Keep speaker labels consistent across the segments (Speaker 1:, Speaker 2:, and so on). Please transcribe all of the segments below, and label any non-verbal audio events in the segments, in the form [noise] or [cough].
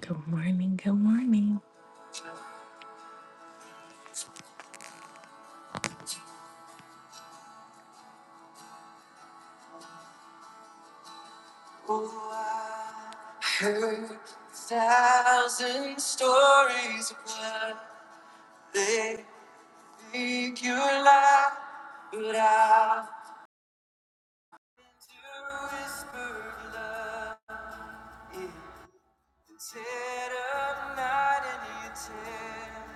Speaker 1: Good morning, good morning. Oh, I Heard a thousand stories of what they think you lie, but I to whisper love instead of night and you tell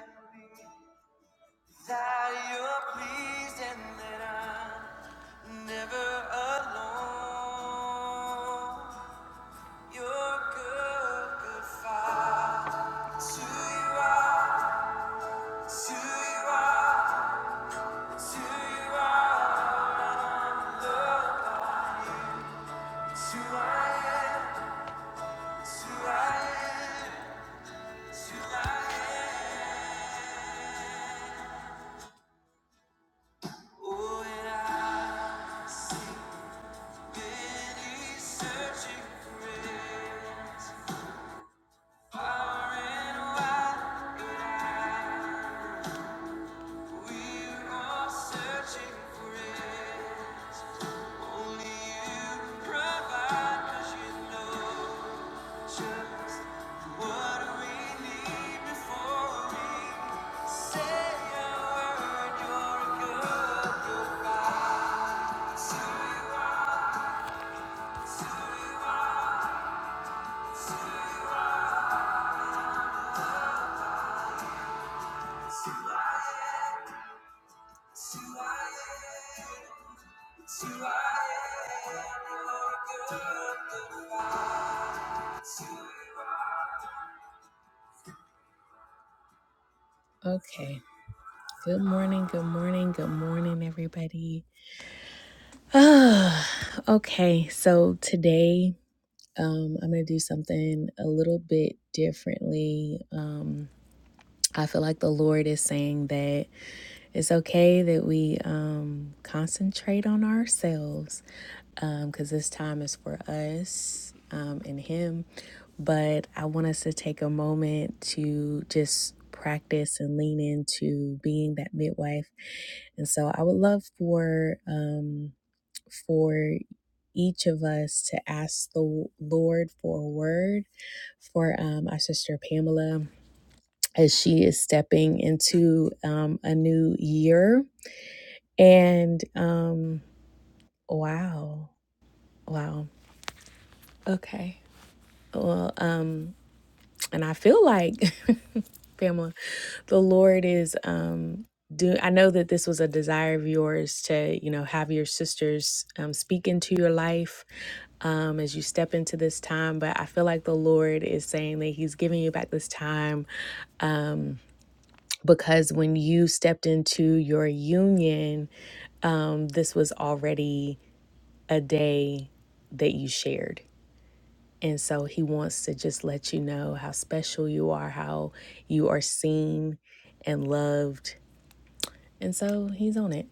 Speaker 1: that you're pleased and that I'm never alone. who you are. who you are. who you are. who I am. who I am. who I am. Oh, and i searching for it. Far and wide, we are searching for it. Okay. Good morning, good morning, good morning, everybody. [sighs] okay, so today um, I'm going to do something a little bit differently. Um, I feel like the Lord is saying that it's okay that we um, concentrate on ourselves because this time is for us um, and Him. But I want us to take a moment to just practice and lean into being that midwife and so I would love for um for each of us to ask the Lord for a word for um, our sister Pamela as she is stepping into um, a new year. And um, wow, wow. Okay. Well, um, and I feel like [laughs] Pamela, the Lord is um do I know that this was a desire of yours to, you know, have your sisters um speak into your life um as you step into this time, but I feel like the Lord is saying that he's giving you back this time because when you stepped into your union, um this was already a day that you shared And so he wants to just let you know how special you are, how you are seen and loved. And so he's on it.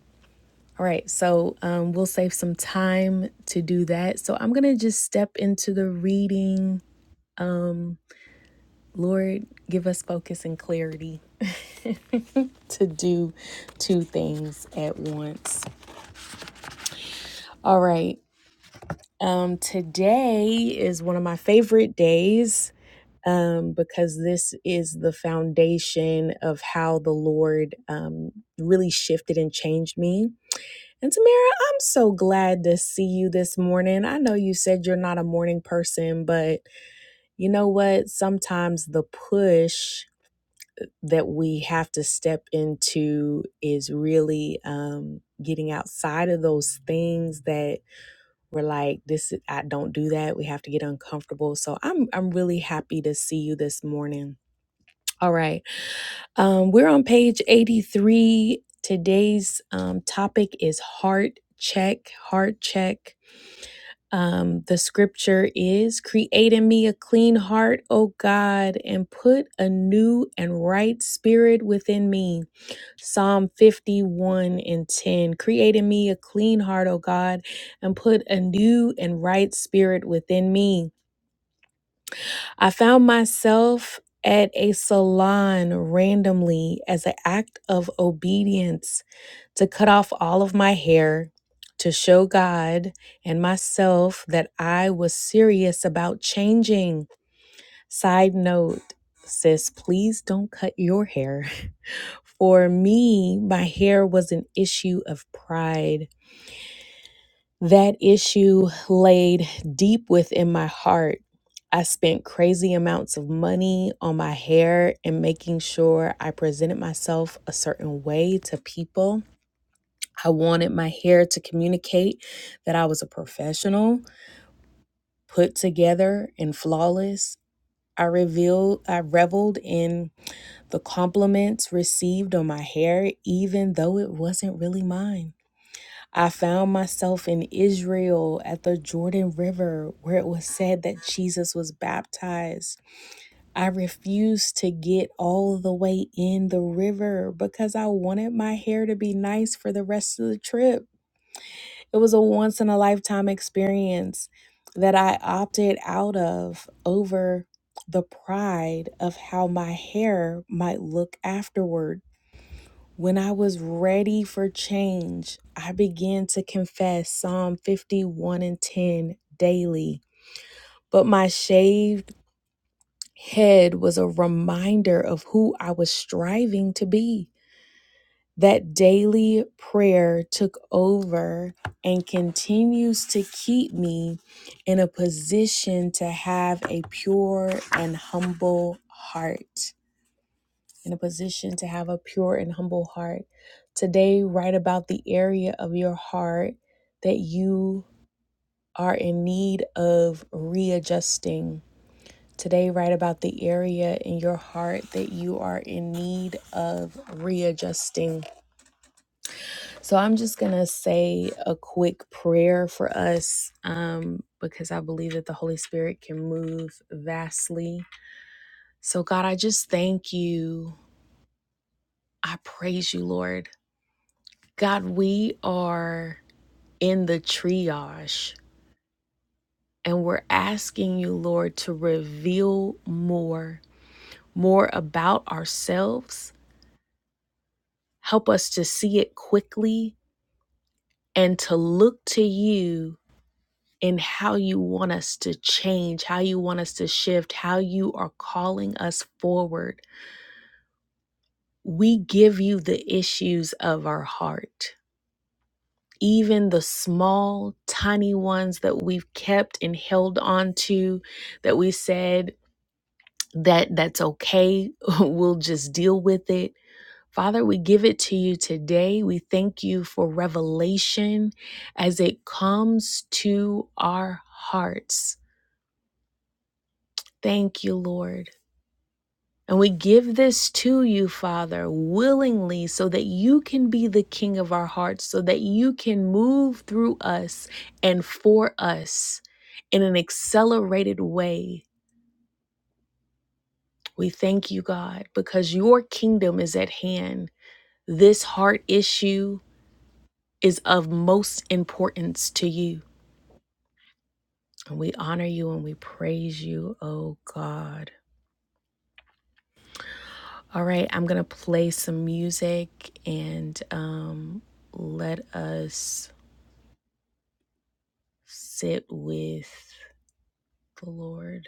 Speaker 1: All right, so um, we'll save some time to do that. So I'm going to just step into the reading. Lord, give us focus and clarity to do two things at once. All right, um, today is one of my favorite days um, because this is the foundation of how the Lord um, really shifted and changed me. And Tamara, I'm so glad to see you this morning. I know you said you're not a morning person, but you know what? Sometimes the push that we have to step into is really um, getting outside of those things that we're like, this is, I don't do that. We have to get uncomfortable. So I'm I'm really happy to see you this morning. All right. Um, we're on page 83. Today's um, topic is heart check, heart check. Um, the scripture is Create in me a clean heart, O God, and put a new and right spirit within me. Psalm 51 and 10. Create in me a clean heart, O God, and put a new and right spirit within me. I found myself at a salon randomly as an act of obedience to cut off all of my hair to show God and myself that I was serious about changing. Side note, sis, please don't cut your hair. [laughs] For me, my hair was an issue of pride. That issue laid deep within my heart. I spent crazy amounts of money on my hair and making sure I presented myself a certain way to people. I wanted my hair to communicate that I was a professional, put together, and flawless. I revealed I reveled in the compliments received on my hair even though it wasn't really mine. I found myself in Israel at the Jordan River where it was said that Jesus was baptized. I refused to get all the way in the river because I wanted my hair to be nice for the rest of the trip. It was a once in a lifetime experience that I opted out of over the pride of how my hair might look afterward. When I was ready for change, I began to confess Psalm 51 and 10 daily. But my shaved head was a reminder of who I was striving to be. That daily prayer took over and continues to keep me in a position to have a pure and humble heart. in a position to have a pure and humble heart. Today, write about the area of your heart that you are in need of readjusting. Today, write about the area in your heart that you are in need of readjusting. So, I'm just going to say a quick prayer for us um, because I believe that the Holy Spirit can move vastly. So, God, I just thank you. I praise you, Lord. God, we are in the triage and we're asking you, Lord, to reveal more, more about ourselves. Help us to see it quickly and to look to you in how you want us to change, how you want us to shift, how you are calling us forward. We give you the issues of our heart. even the small, tiny ones that we've kept and held on to, that we said that that's okay, [laughs] we'll just deal with it. Father, we give it to you today. We thank you for revelation as it comes to our hearts. Thank you, Lord. And we give this to you, Father, willingly, so that you can be the King of our hearts, so that you can move through us and for us in an accelerated way. We thank you, God, because your kingdom is at hand. This heart issue is of most importance to you. And we honor you and we praise you, oh God. All right, I'm going to play some music and um, let us sit with the Lord.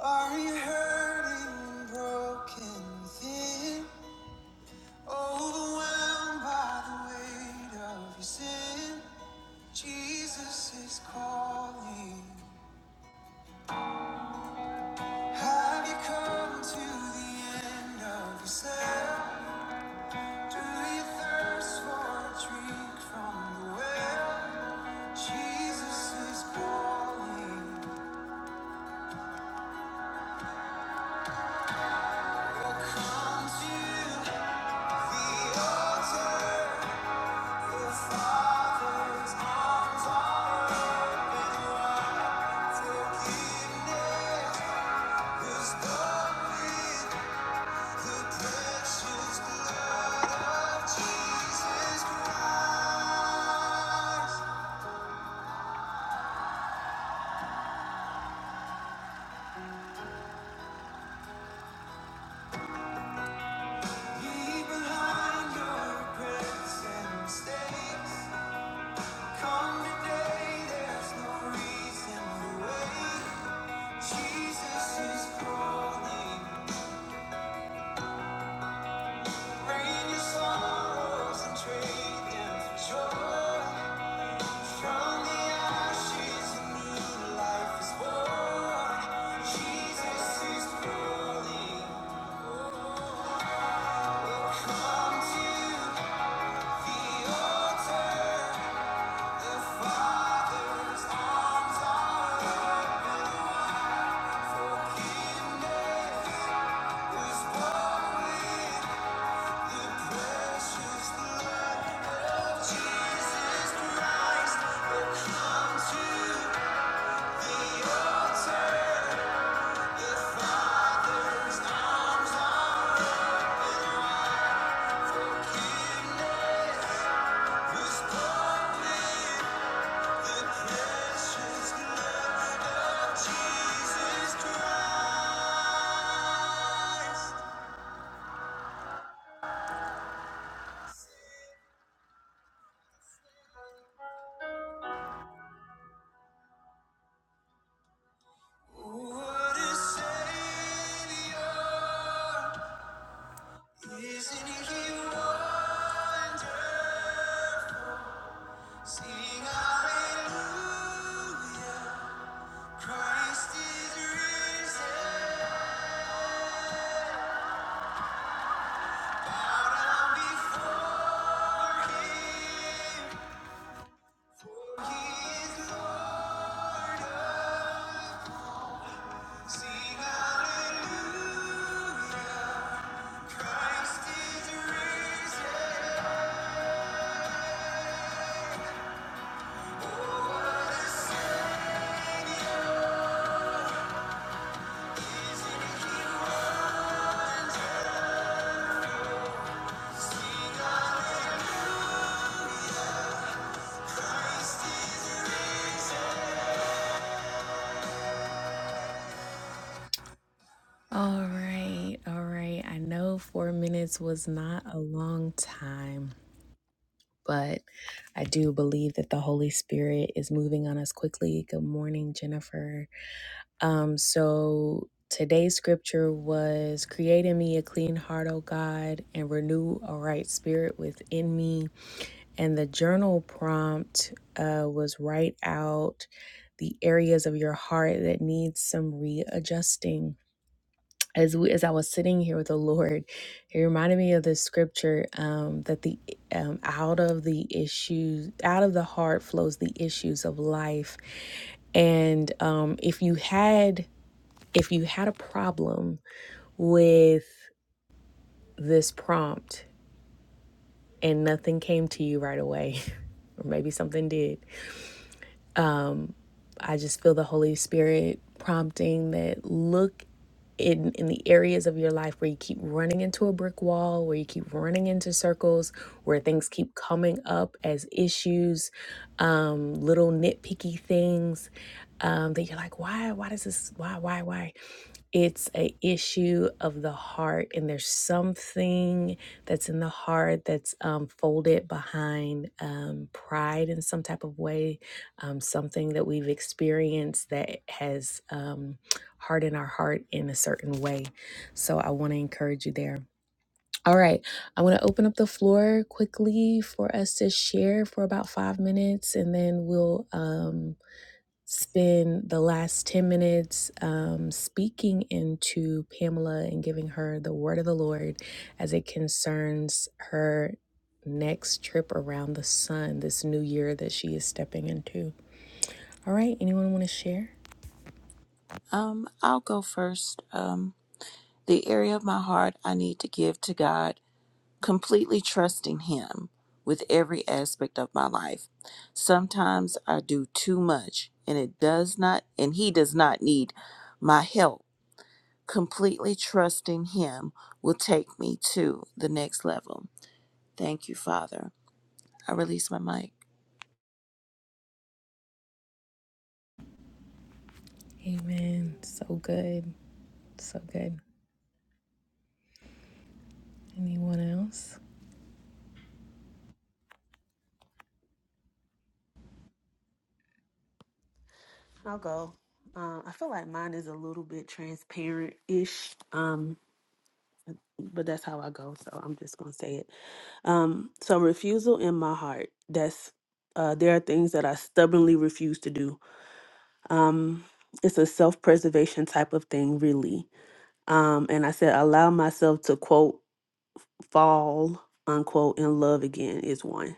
Speaker 1: Are you hurting, broken, thin? Overwhelmed by the weight of your sin? Jesus is calling. Have you come to the end of yourself? Do you thirst for a drink from the well? Jesus is calling. Come to the altar. Jesus is calling. Bring your sorrows and trade them for joy. From the ashes, a new life is born. Jesus is calling. Come to the altar. The Father's arms are open. Forgiveness was born. Isn't he wonderful? Sing hallelujah, Christ is risen. Bow down before him, for he is Lord. Sing hallelujah, Christ is risen. Oh, What a Savior he was. All right, all right. I know four minutes was not a long time, but I do believe that the Holy Spirit is moving on us quickly. Good morning, Jennifer. Um, so today's scripture was create in me a clean heart, O God, and renew a right spirit within me. And the journal prompt uh, was write out the areas of your heart that need some readjusting as we as I was sitting here with the Lord, it reminded me of this scripture um, that the um, out of the issues, out of the heart flows the issues of life. And um, if you had if you had a problem with this prompt and nothing came to you right away, [laughs] or maybe something did, I just feel the Holy Spirit prompting that look in in the areas of your life where you keep running into a brick wall, where you keep running into circles, where things keep coming up as issues, um, little nitpicky things um, that you're like, why, why does this, why, why, why? it's a issue of the heart and there's something that's in the heart that's um, folded behind um, pride in some type of way um, something that we've experienced that has um, hardened our heart in a certain way. So I want to encourage you there. All right, I want to open up the floor quickly for us to share for about five minutes, and then we'll um, spend the last 10 minutes um, speaking into Pamela and giving her the word of the Lord as it concerns her next trip around the sun, this new year that she is stepping into. All right, anyone want to share?
Speaker 2: Um, I'll go first. Um, the area of my heart I need to give to God, completely trusting Him with every aspect of my life. Sometimes I do too much, and it does not, and He does not need my help. Completely trusting Him will take me to the next level. Thank you, Father. I release my mic.
Speaker 1: Amen. So good. So good. Anyone else?
Speaker 3: I'll go. Um, I feel like mine is a little bit transparent ish, um, but that's how I go. So I'm just going to say it. Um, so, refusal in my heart. That's uh, there are things that I stubbornly refuse to do. Um, it's a self preservation type of thing, really. Um, and I said, allow myself to quote fall, unquote, in love again is one.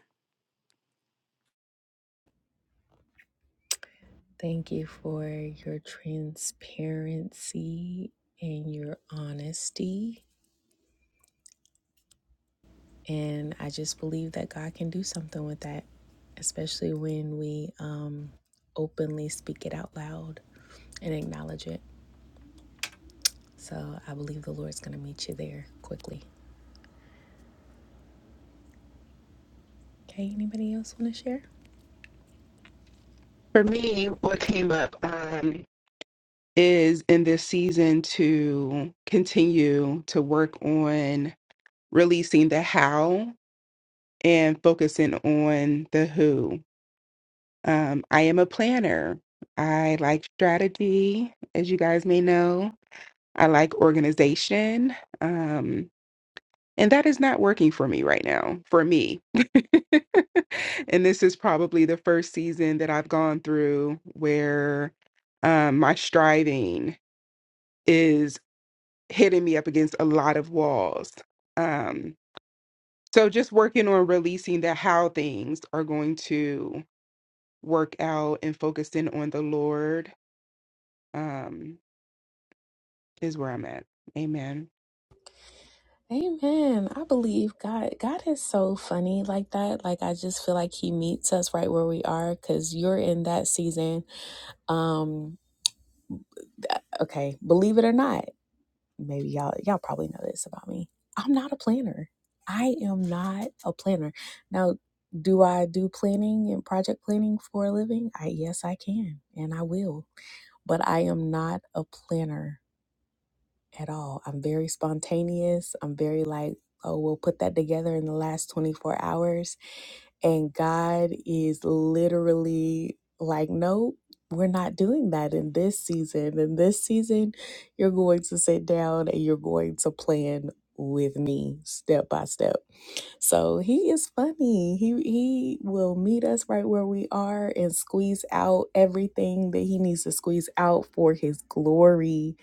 Speaker 1: Thank you for your transparency and your honesty. And I just believe that God can do something with that, especially when we um, openly speak it out loud and acknowledge it. So I believe the Lord's going to meet you there quickly. Okay, anybody else want to share?
Speaker 4: For me, what came up um, is in this season to continue to work on releasing the how and focusing on the who. Um, I am a planner. I like strategy, as you guys may know. I like organization. Um, and that is not working for me right now, for me. [laughs] and this is probably the first season that I've gone through where um, my striving is hitting me up against a lot of walls. Um, so just working on releasing the how things are going to work out and focusing on the Lord um, is where I'm at. Amen.
Speaker 1: Amen. I believe God. God is so funny like that. Like I just feel like He meets us right where we are. Cause you're in that season. Um. Okay. Believe it or not, maybe y'all y'all probably know this about me. I'm not a planner. I am not a planner. Now, do I do planning and project planning for a living? I yes, I can and I will. But I am not a planner. at all. I'm very spontaneous. I'm very like, oh, we'll put that together in the last 24 hours. And God is literally like, nope, we're not doing that in this season. In this season, you're going to sit down and you're going to plan with me step by step. So he is funny. He he will meet us right where we are and squeeze out everything that he needs to squeeze out for his glory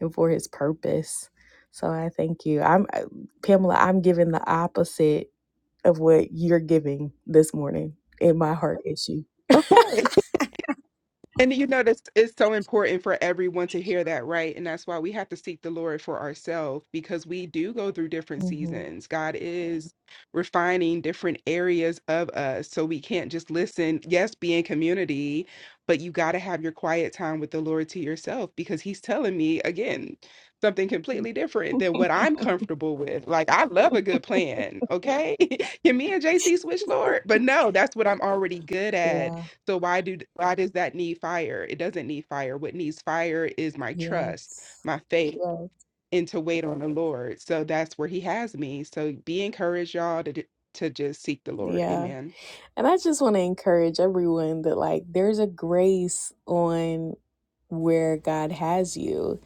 Speaker 1: and for his purpose. So I thank you. I'm I- Pamela, I'm giving the opposite of what you're giving this morning in my heart issue.
Speaker 4: Okay. And you know that's it's so important for everyone to hear that, right? And that's why we have to seek the Lord for ourselves because we do go through different
Speaker 1: hmm
Speaker 4: seasons. God is refining different areas of us. So we can't just listen, yes, be in community, but you got to have your quiet time with the Lord to yourself because he's telling me again something completely different than what I'm comfortable with. Like I love a good plan, okay? [laughs] Can me and JC switch, Lord? But no, that's what I'm already good at
Speaker 1: Yeah.
Speaker 4: so why do why does that need fire? It doesn't need fire. What needs fire is my trust,
Speaker 1: Yes.
Speaker 4: my faith,
Speaker 1: Yes.
Speaker 4: and to wait on the Lord. So that's where He has me. So be encouraged, y'all, to d- to just seek the Lord.
Speaker 1: Yeah.
Speaker 4: Amen.
Speaker 1: And I just want to encourage everyone that, like, there's a grace on where God has you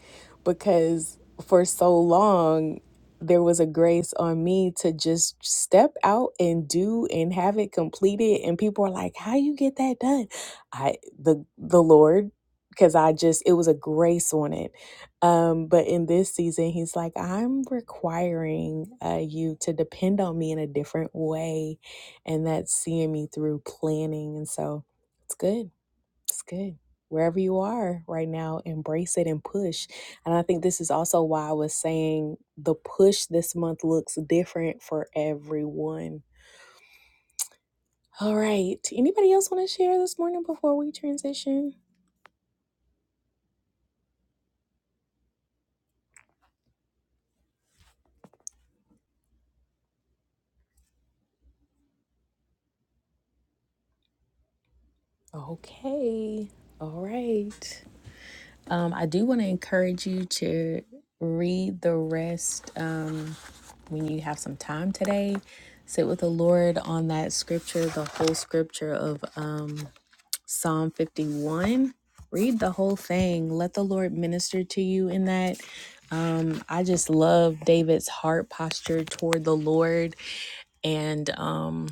Speaker 1: because for so long, there was a grace on me to just step out and do and have it completed and people are like how you get that done i the the lord because i just it was a grace on it um but in this season he's like i'm requiring uh you to depend on me in a different way and that's seeing me through planning. And so it's good. It's good. Wherever you are right now, embrace it and push. And I think this is also why I was saying the push this month looks different for everyone. All right. Anybody else want to share this morning before we transition? Okay. All right. Um, I do want to encourage you to read the rest. Um, when you have some time today, sit with the Lord on that scripture, the whole scripture of um, Psalm 51. Read the whole thing. Let the Lord minister to you in that. Um, I just love David's heart posture toward the Lord. And um,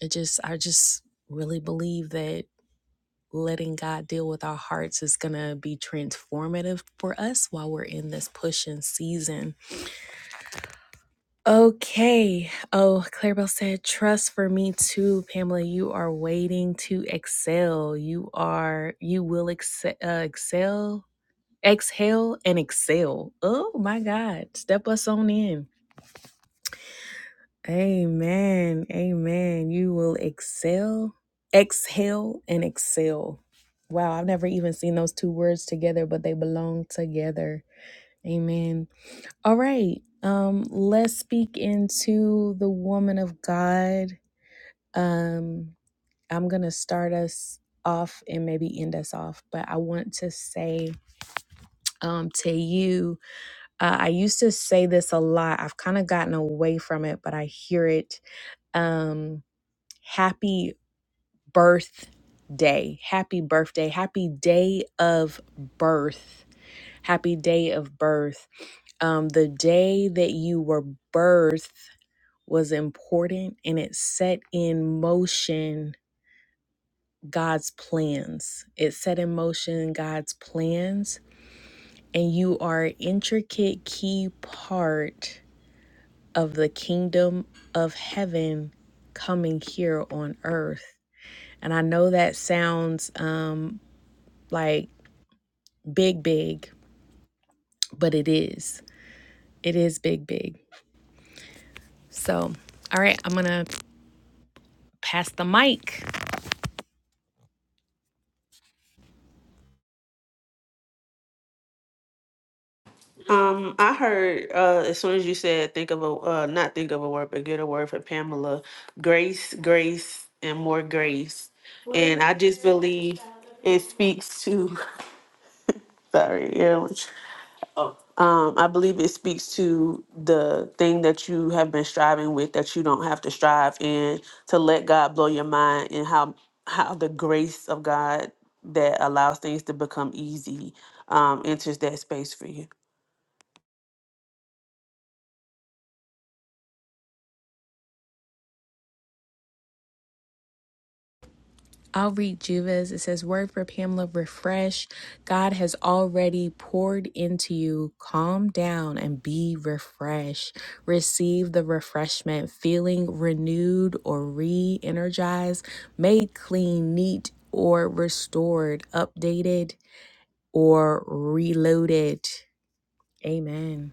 Speaker 1: it just, I just really believe that letting God deal with our hearts is going to be transformative for us while we're in this pushing season Okay. Oh, Clarabelle said, trust for me too, Pamela. You are waiting to excel. You are, you will excel, uh, excel, exhale, and excel. Oh my God. Step us on in. Amen. Amen. You will excel, exhale, and excel. Wow. I've never even seen those two words together, but they belong together. Amen. All right. Um, let's speak into the woman of God. Um, I'm gonna start us off and maybe end us off, but I want to say um to you, uh, I used to say this a lot. I've kind of gotten away from it, but I hear it. Um, happy birthday, happy birthday, happy day of birth, happy day of birth. Um, the day that you were birthed was important and it set in motion God's plans. It set in motion God's plans, and you are an intricate key part of the kingdom of heaven coming here on earth. And I know that sounds um like big big, but it is. It is big big. So, all right, I'm going to pass the mic.
Speaker 3: Um, I heard uh, as soon as you said think of a uh, not think of a word, but get a word for Pamela, grace, grace, and more grace, and I just believe it speaks to Sorry, yeah. which- Oh. Um, I believe it speaks to the thing that you have been striving with that you don't have to strive in to let God blow your mind and how how the grace of God that allows things to become easy um, enters that space for you.
Speaker 1: I'll read Juva's. It says, Word for Pamela, refresh. God has already poured into you. Calm down and be refreshed. Receive the refreshment, feeling renewed or re energized, made clean, neat, or restored, updated, or reloaded. Amen.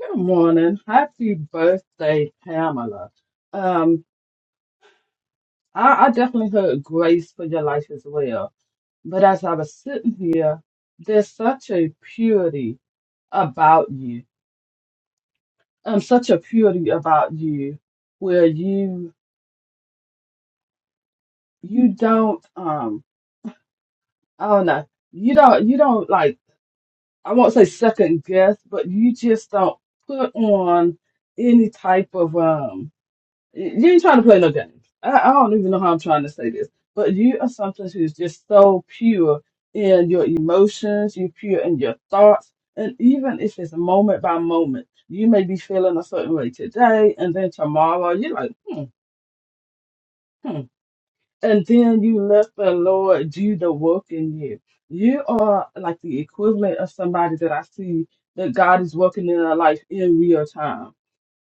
Speaker 5: Good morning. Happy birthday, Pamela. Um, I, I definitely heard grace for your life as well. But as I was sitting here, there's such a purity about you. Um, such a purity about you where you you don't um I don't know, you don't you don't like I won't say second guess, but you just don't put on any type of um You ain't trying to play no games. I, I don't even know how I'm trying to say this, but you are something who's just so pure in your emotions, you're pure in your thoughts, and even if it's moment by moment, you may be feeling a certain way today, and then tomorrow you're like, hmm, hmm, and then you let the Lord do the work in you. You are like the equivalent of somebody that I see that God is working in their life in real time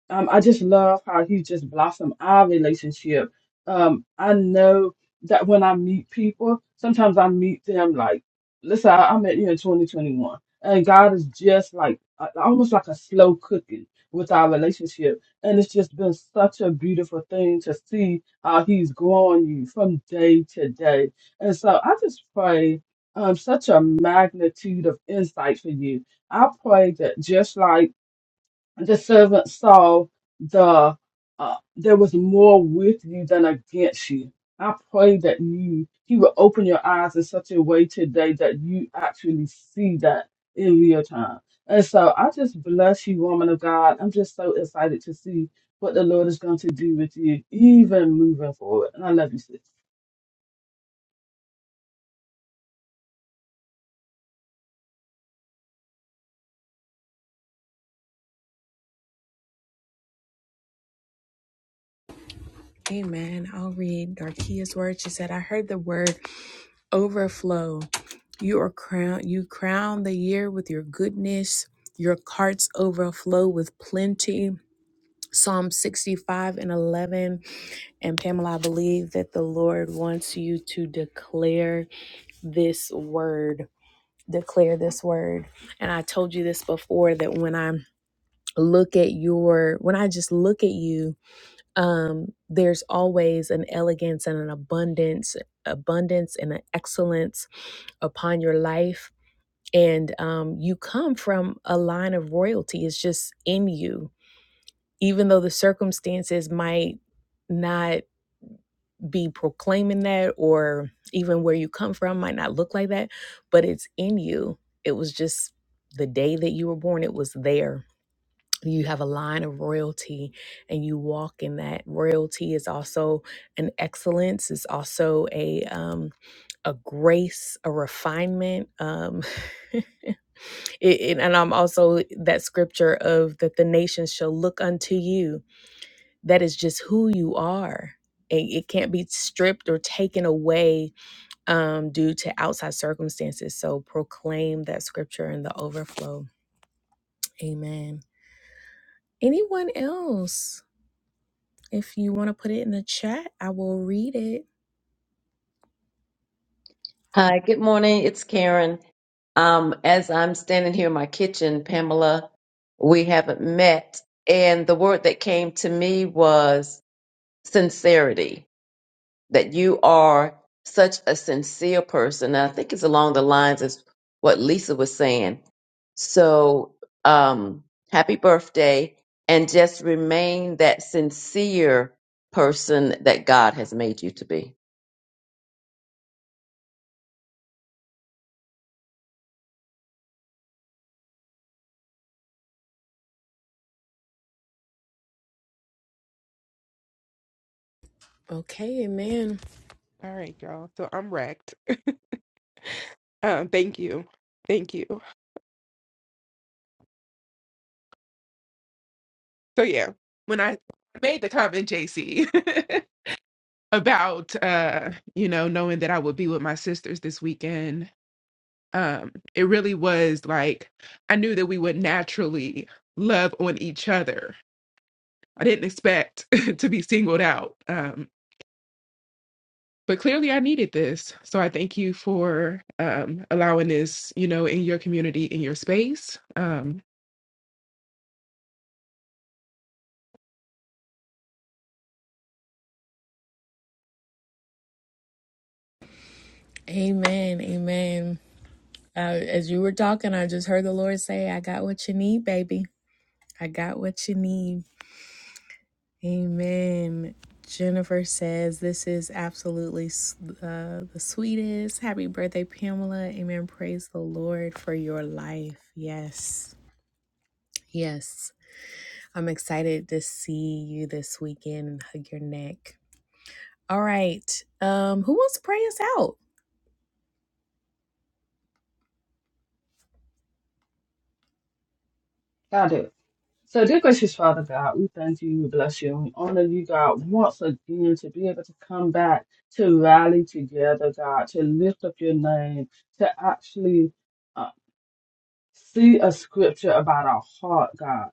Speaker 5: um, I just love how he just blossomed our relationship. Um, I know that when I meet people, sometimes I meet them like, listen, I, I met you in 2021, and God is just like uh, almost like a slow cooking with our relationship, and it's just been such a beautiful thing to see how He's growing you from day to day. And so I just pray um such a magnitude of insight for you. I pray that just like the servant saw the uh, there was more with you than against you. I pray that you he will open your eyes in such a way today that you actually see that in real time. And so I just bless you, woman of God. I'm just so excited to see what the Lord is going to do with you, even moving forward. And I love you, sis.
Speaker 1: Amen. I'll read Darkia's word. She said, I heard the word overflow. You are crown you crown the year with your goodness. Your carts overflow with plenty. Psalm 65 and 11. And Pamela, I believe that the Lord wants you to declare this word. Declare this word. And I told you this before that when I look at your, when I just look at you, um, there's always an elegance and an abundance, abundance and an excellence upon your life. And um, you come from a line of royalty, it's just in you. Even though the circumstances might not be proclaiming that, or even where you come from might not look like that, but it's in you. It was just the day that you were born, it was there. You have a line of royalty and you walk in that. Royalty is also an excellence, it's also a um, a grace, a refinement. Um, [laughs] It, it- and I'm also that scripture of that the nations shall look unto you. That is just who you are. It, it can't be stripped or taken away um, due to outside circumstances. So proclaim that scripture in the overflow. Amen. Anyone else? If you want to put it in the chat, I will read it.
Speaker 6: Hi, good morning. It's Karen. Um, as I'm standing here in my kitchen, Pamela, we haven't met, and the word that came to me was sincerity, that you are such a sincere person. And I think it's along the lines of what Lisa was saying. So, um, happy birthday, and just remain that sincere person that God has made you to be.
Speaker 1: Okay, amen.
Speaker 4: All right, y'all. So I'm wrecked. Um, thank you, thank you. So yeah, when I made the comment, JC, [laughs] about uh, you know, knowing that I would be with my sisters this weekend, um it really was like i knew that we would naturally love on each other i didn't expect [laughs] to be singled out um but clearly i needed this so i thank you for um allowing this you know in your community in your space um
Speaker 1: Amen. Amen. Uh, as you were talking, I just heard the Lord say, I got what you need, baby. I got what you need. Amen. Jennifer says, This is absolutely uh, the sweetest. Happy birthday, Pamela. Amen. Praise the Lord for your life. Yes. Yes. I'm excited to see you this weekend and hug your neck. All right. Um, who wants to pray us out?
Speaker 5: God So, dear gracious Father God, we thank you, we bless you, and we honor you, God, once again to be able to come back to rally together, God, to lift up your name, to actually uh, see a scripture about our heart, God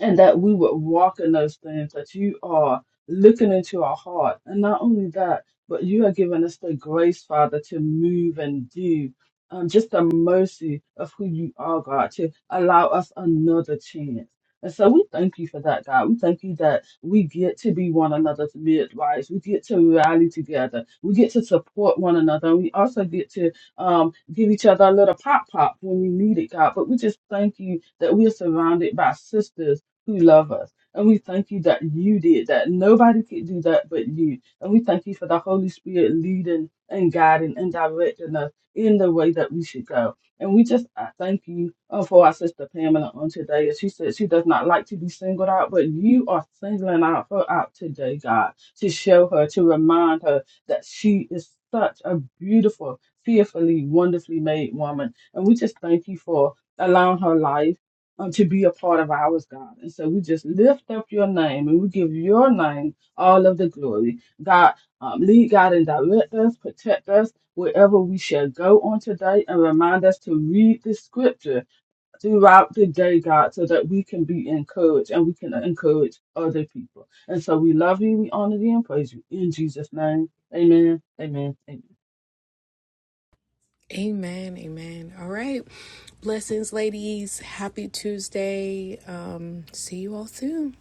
Speaker 5: and that we would walk in those things, that you are looking into our heart. And not only that, but you are giving us the grace, Father, to move and do. Um, just the mercy of who you are, God, to allow us another chance. And so we thank you for that, God. We thank you that we get to be one another's midwives. We get to rally together. We get to support one another. And we also get to um, give each other a little pop pop when we need it, God. But we just thank you that we are surrounded by sisters who love us. And we thank you that you did that. Nobody could do that but you. And we thank you for the Holy Spirit leading and guiding and directing us in the way that we should go. And we just I thank you uh, for our sister Pamela on today. As she said, she does not like to be singled out, but you are singling out her out today, God, to show her, to remind her that she is such a beautiful, fearfully, wonderfully made woman. And we just thank you for allowing her life um, to be a part of ours, God. And so we just lift up your name and we give your name all of the glory. God, um, lead God and direct us, protect us wherever we shall go on today and remind us to read the scripture throughout the day, God, so that we can be encouraged and we can encourage other people. And so we love you, we honor you, and praise you. In Jesus' name, amen, amen, amen.
Speaker 1: Amen. Amen. All right. Blessings, ladies. Happy Tuesday. Um, see you all soon.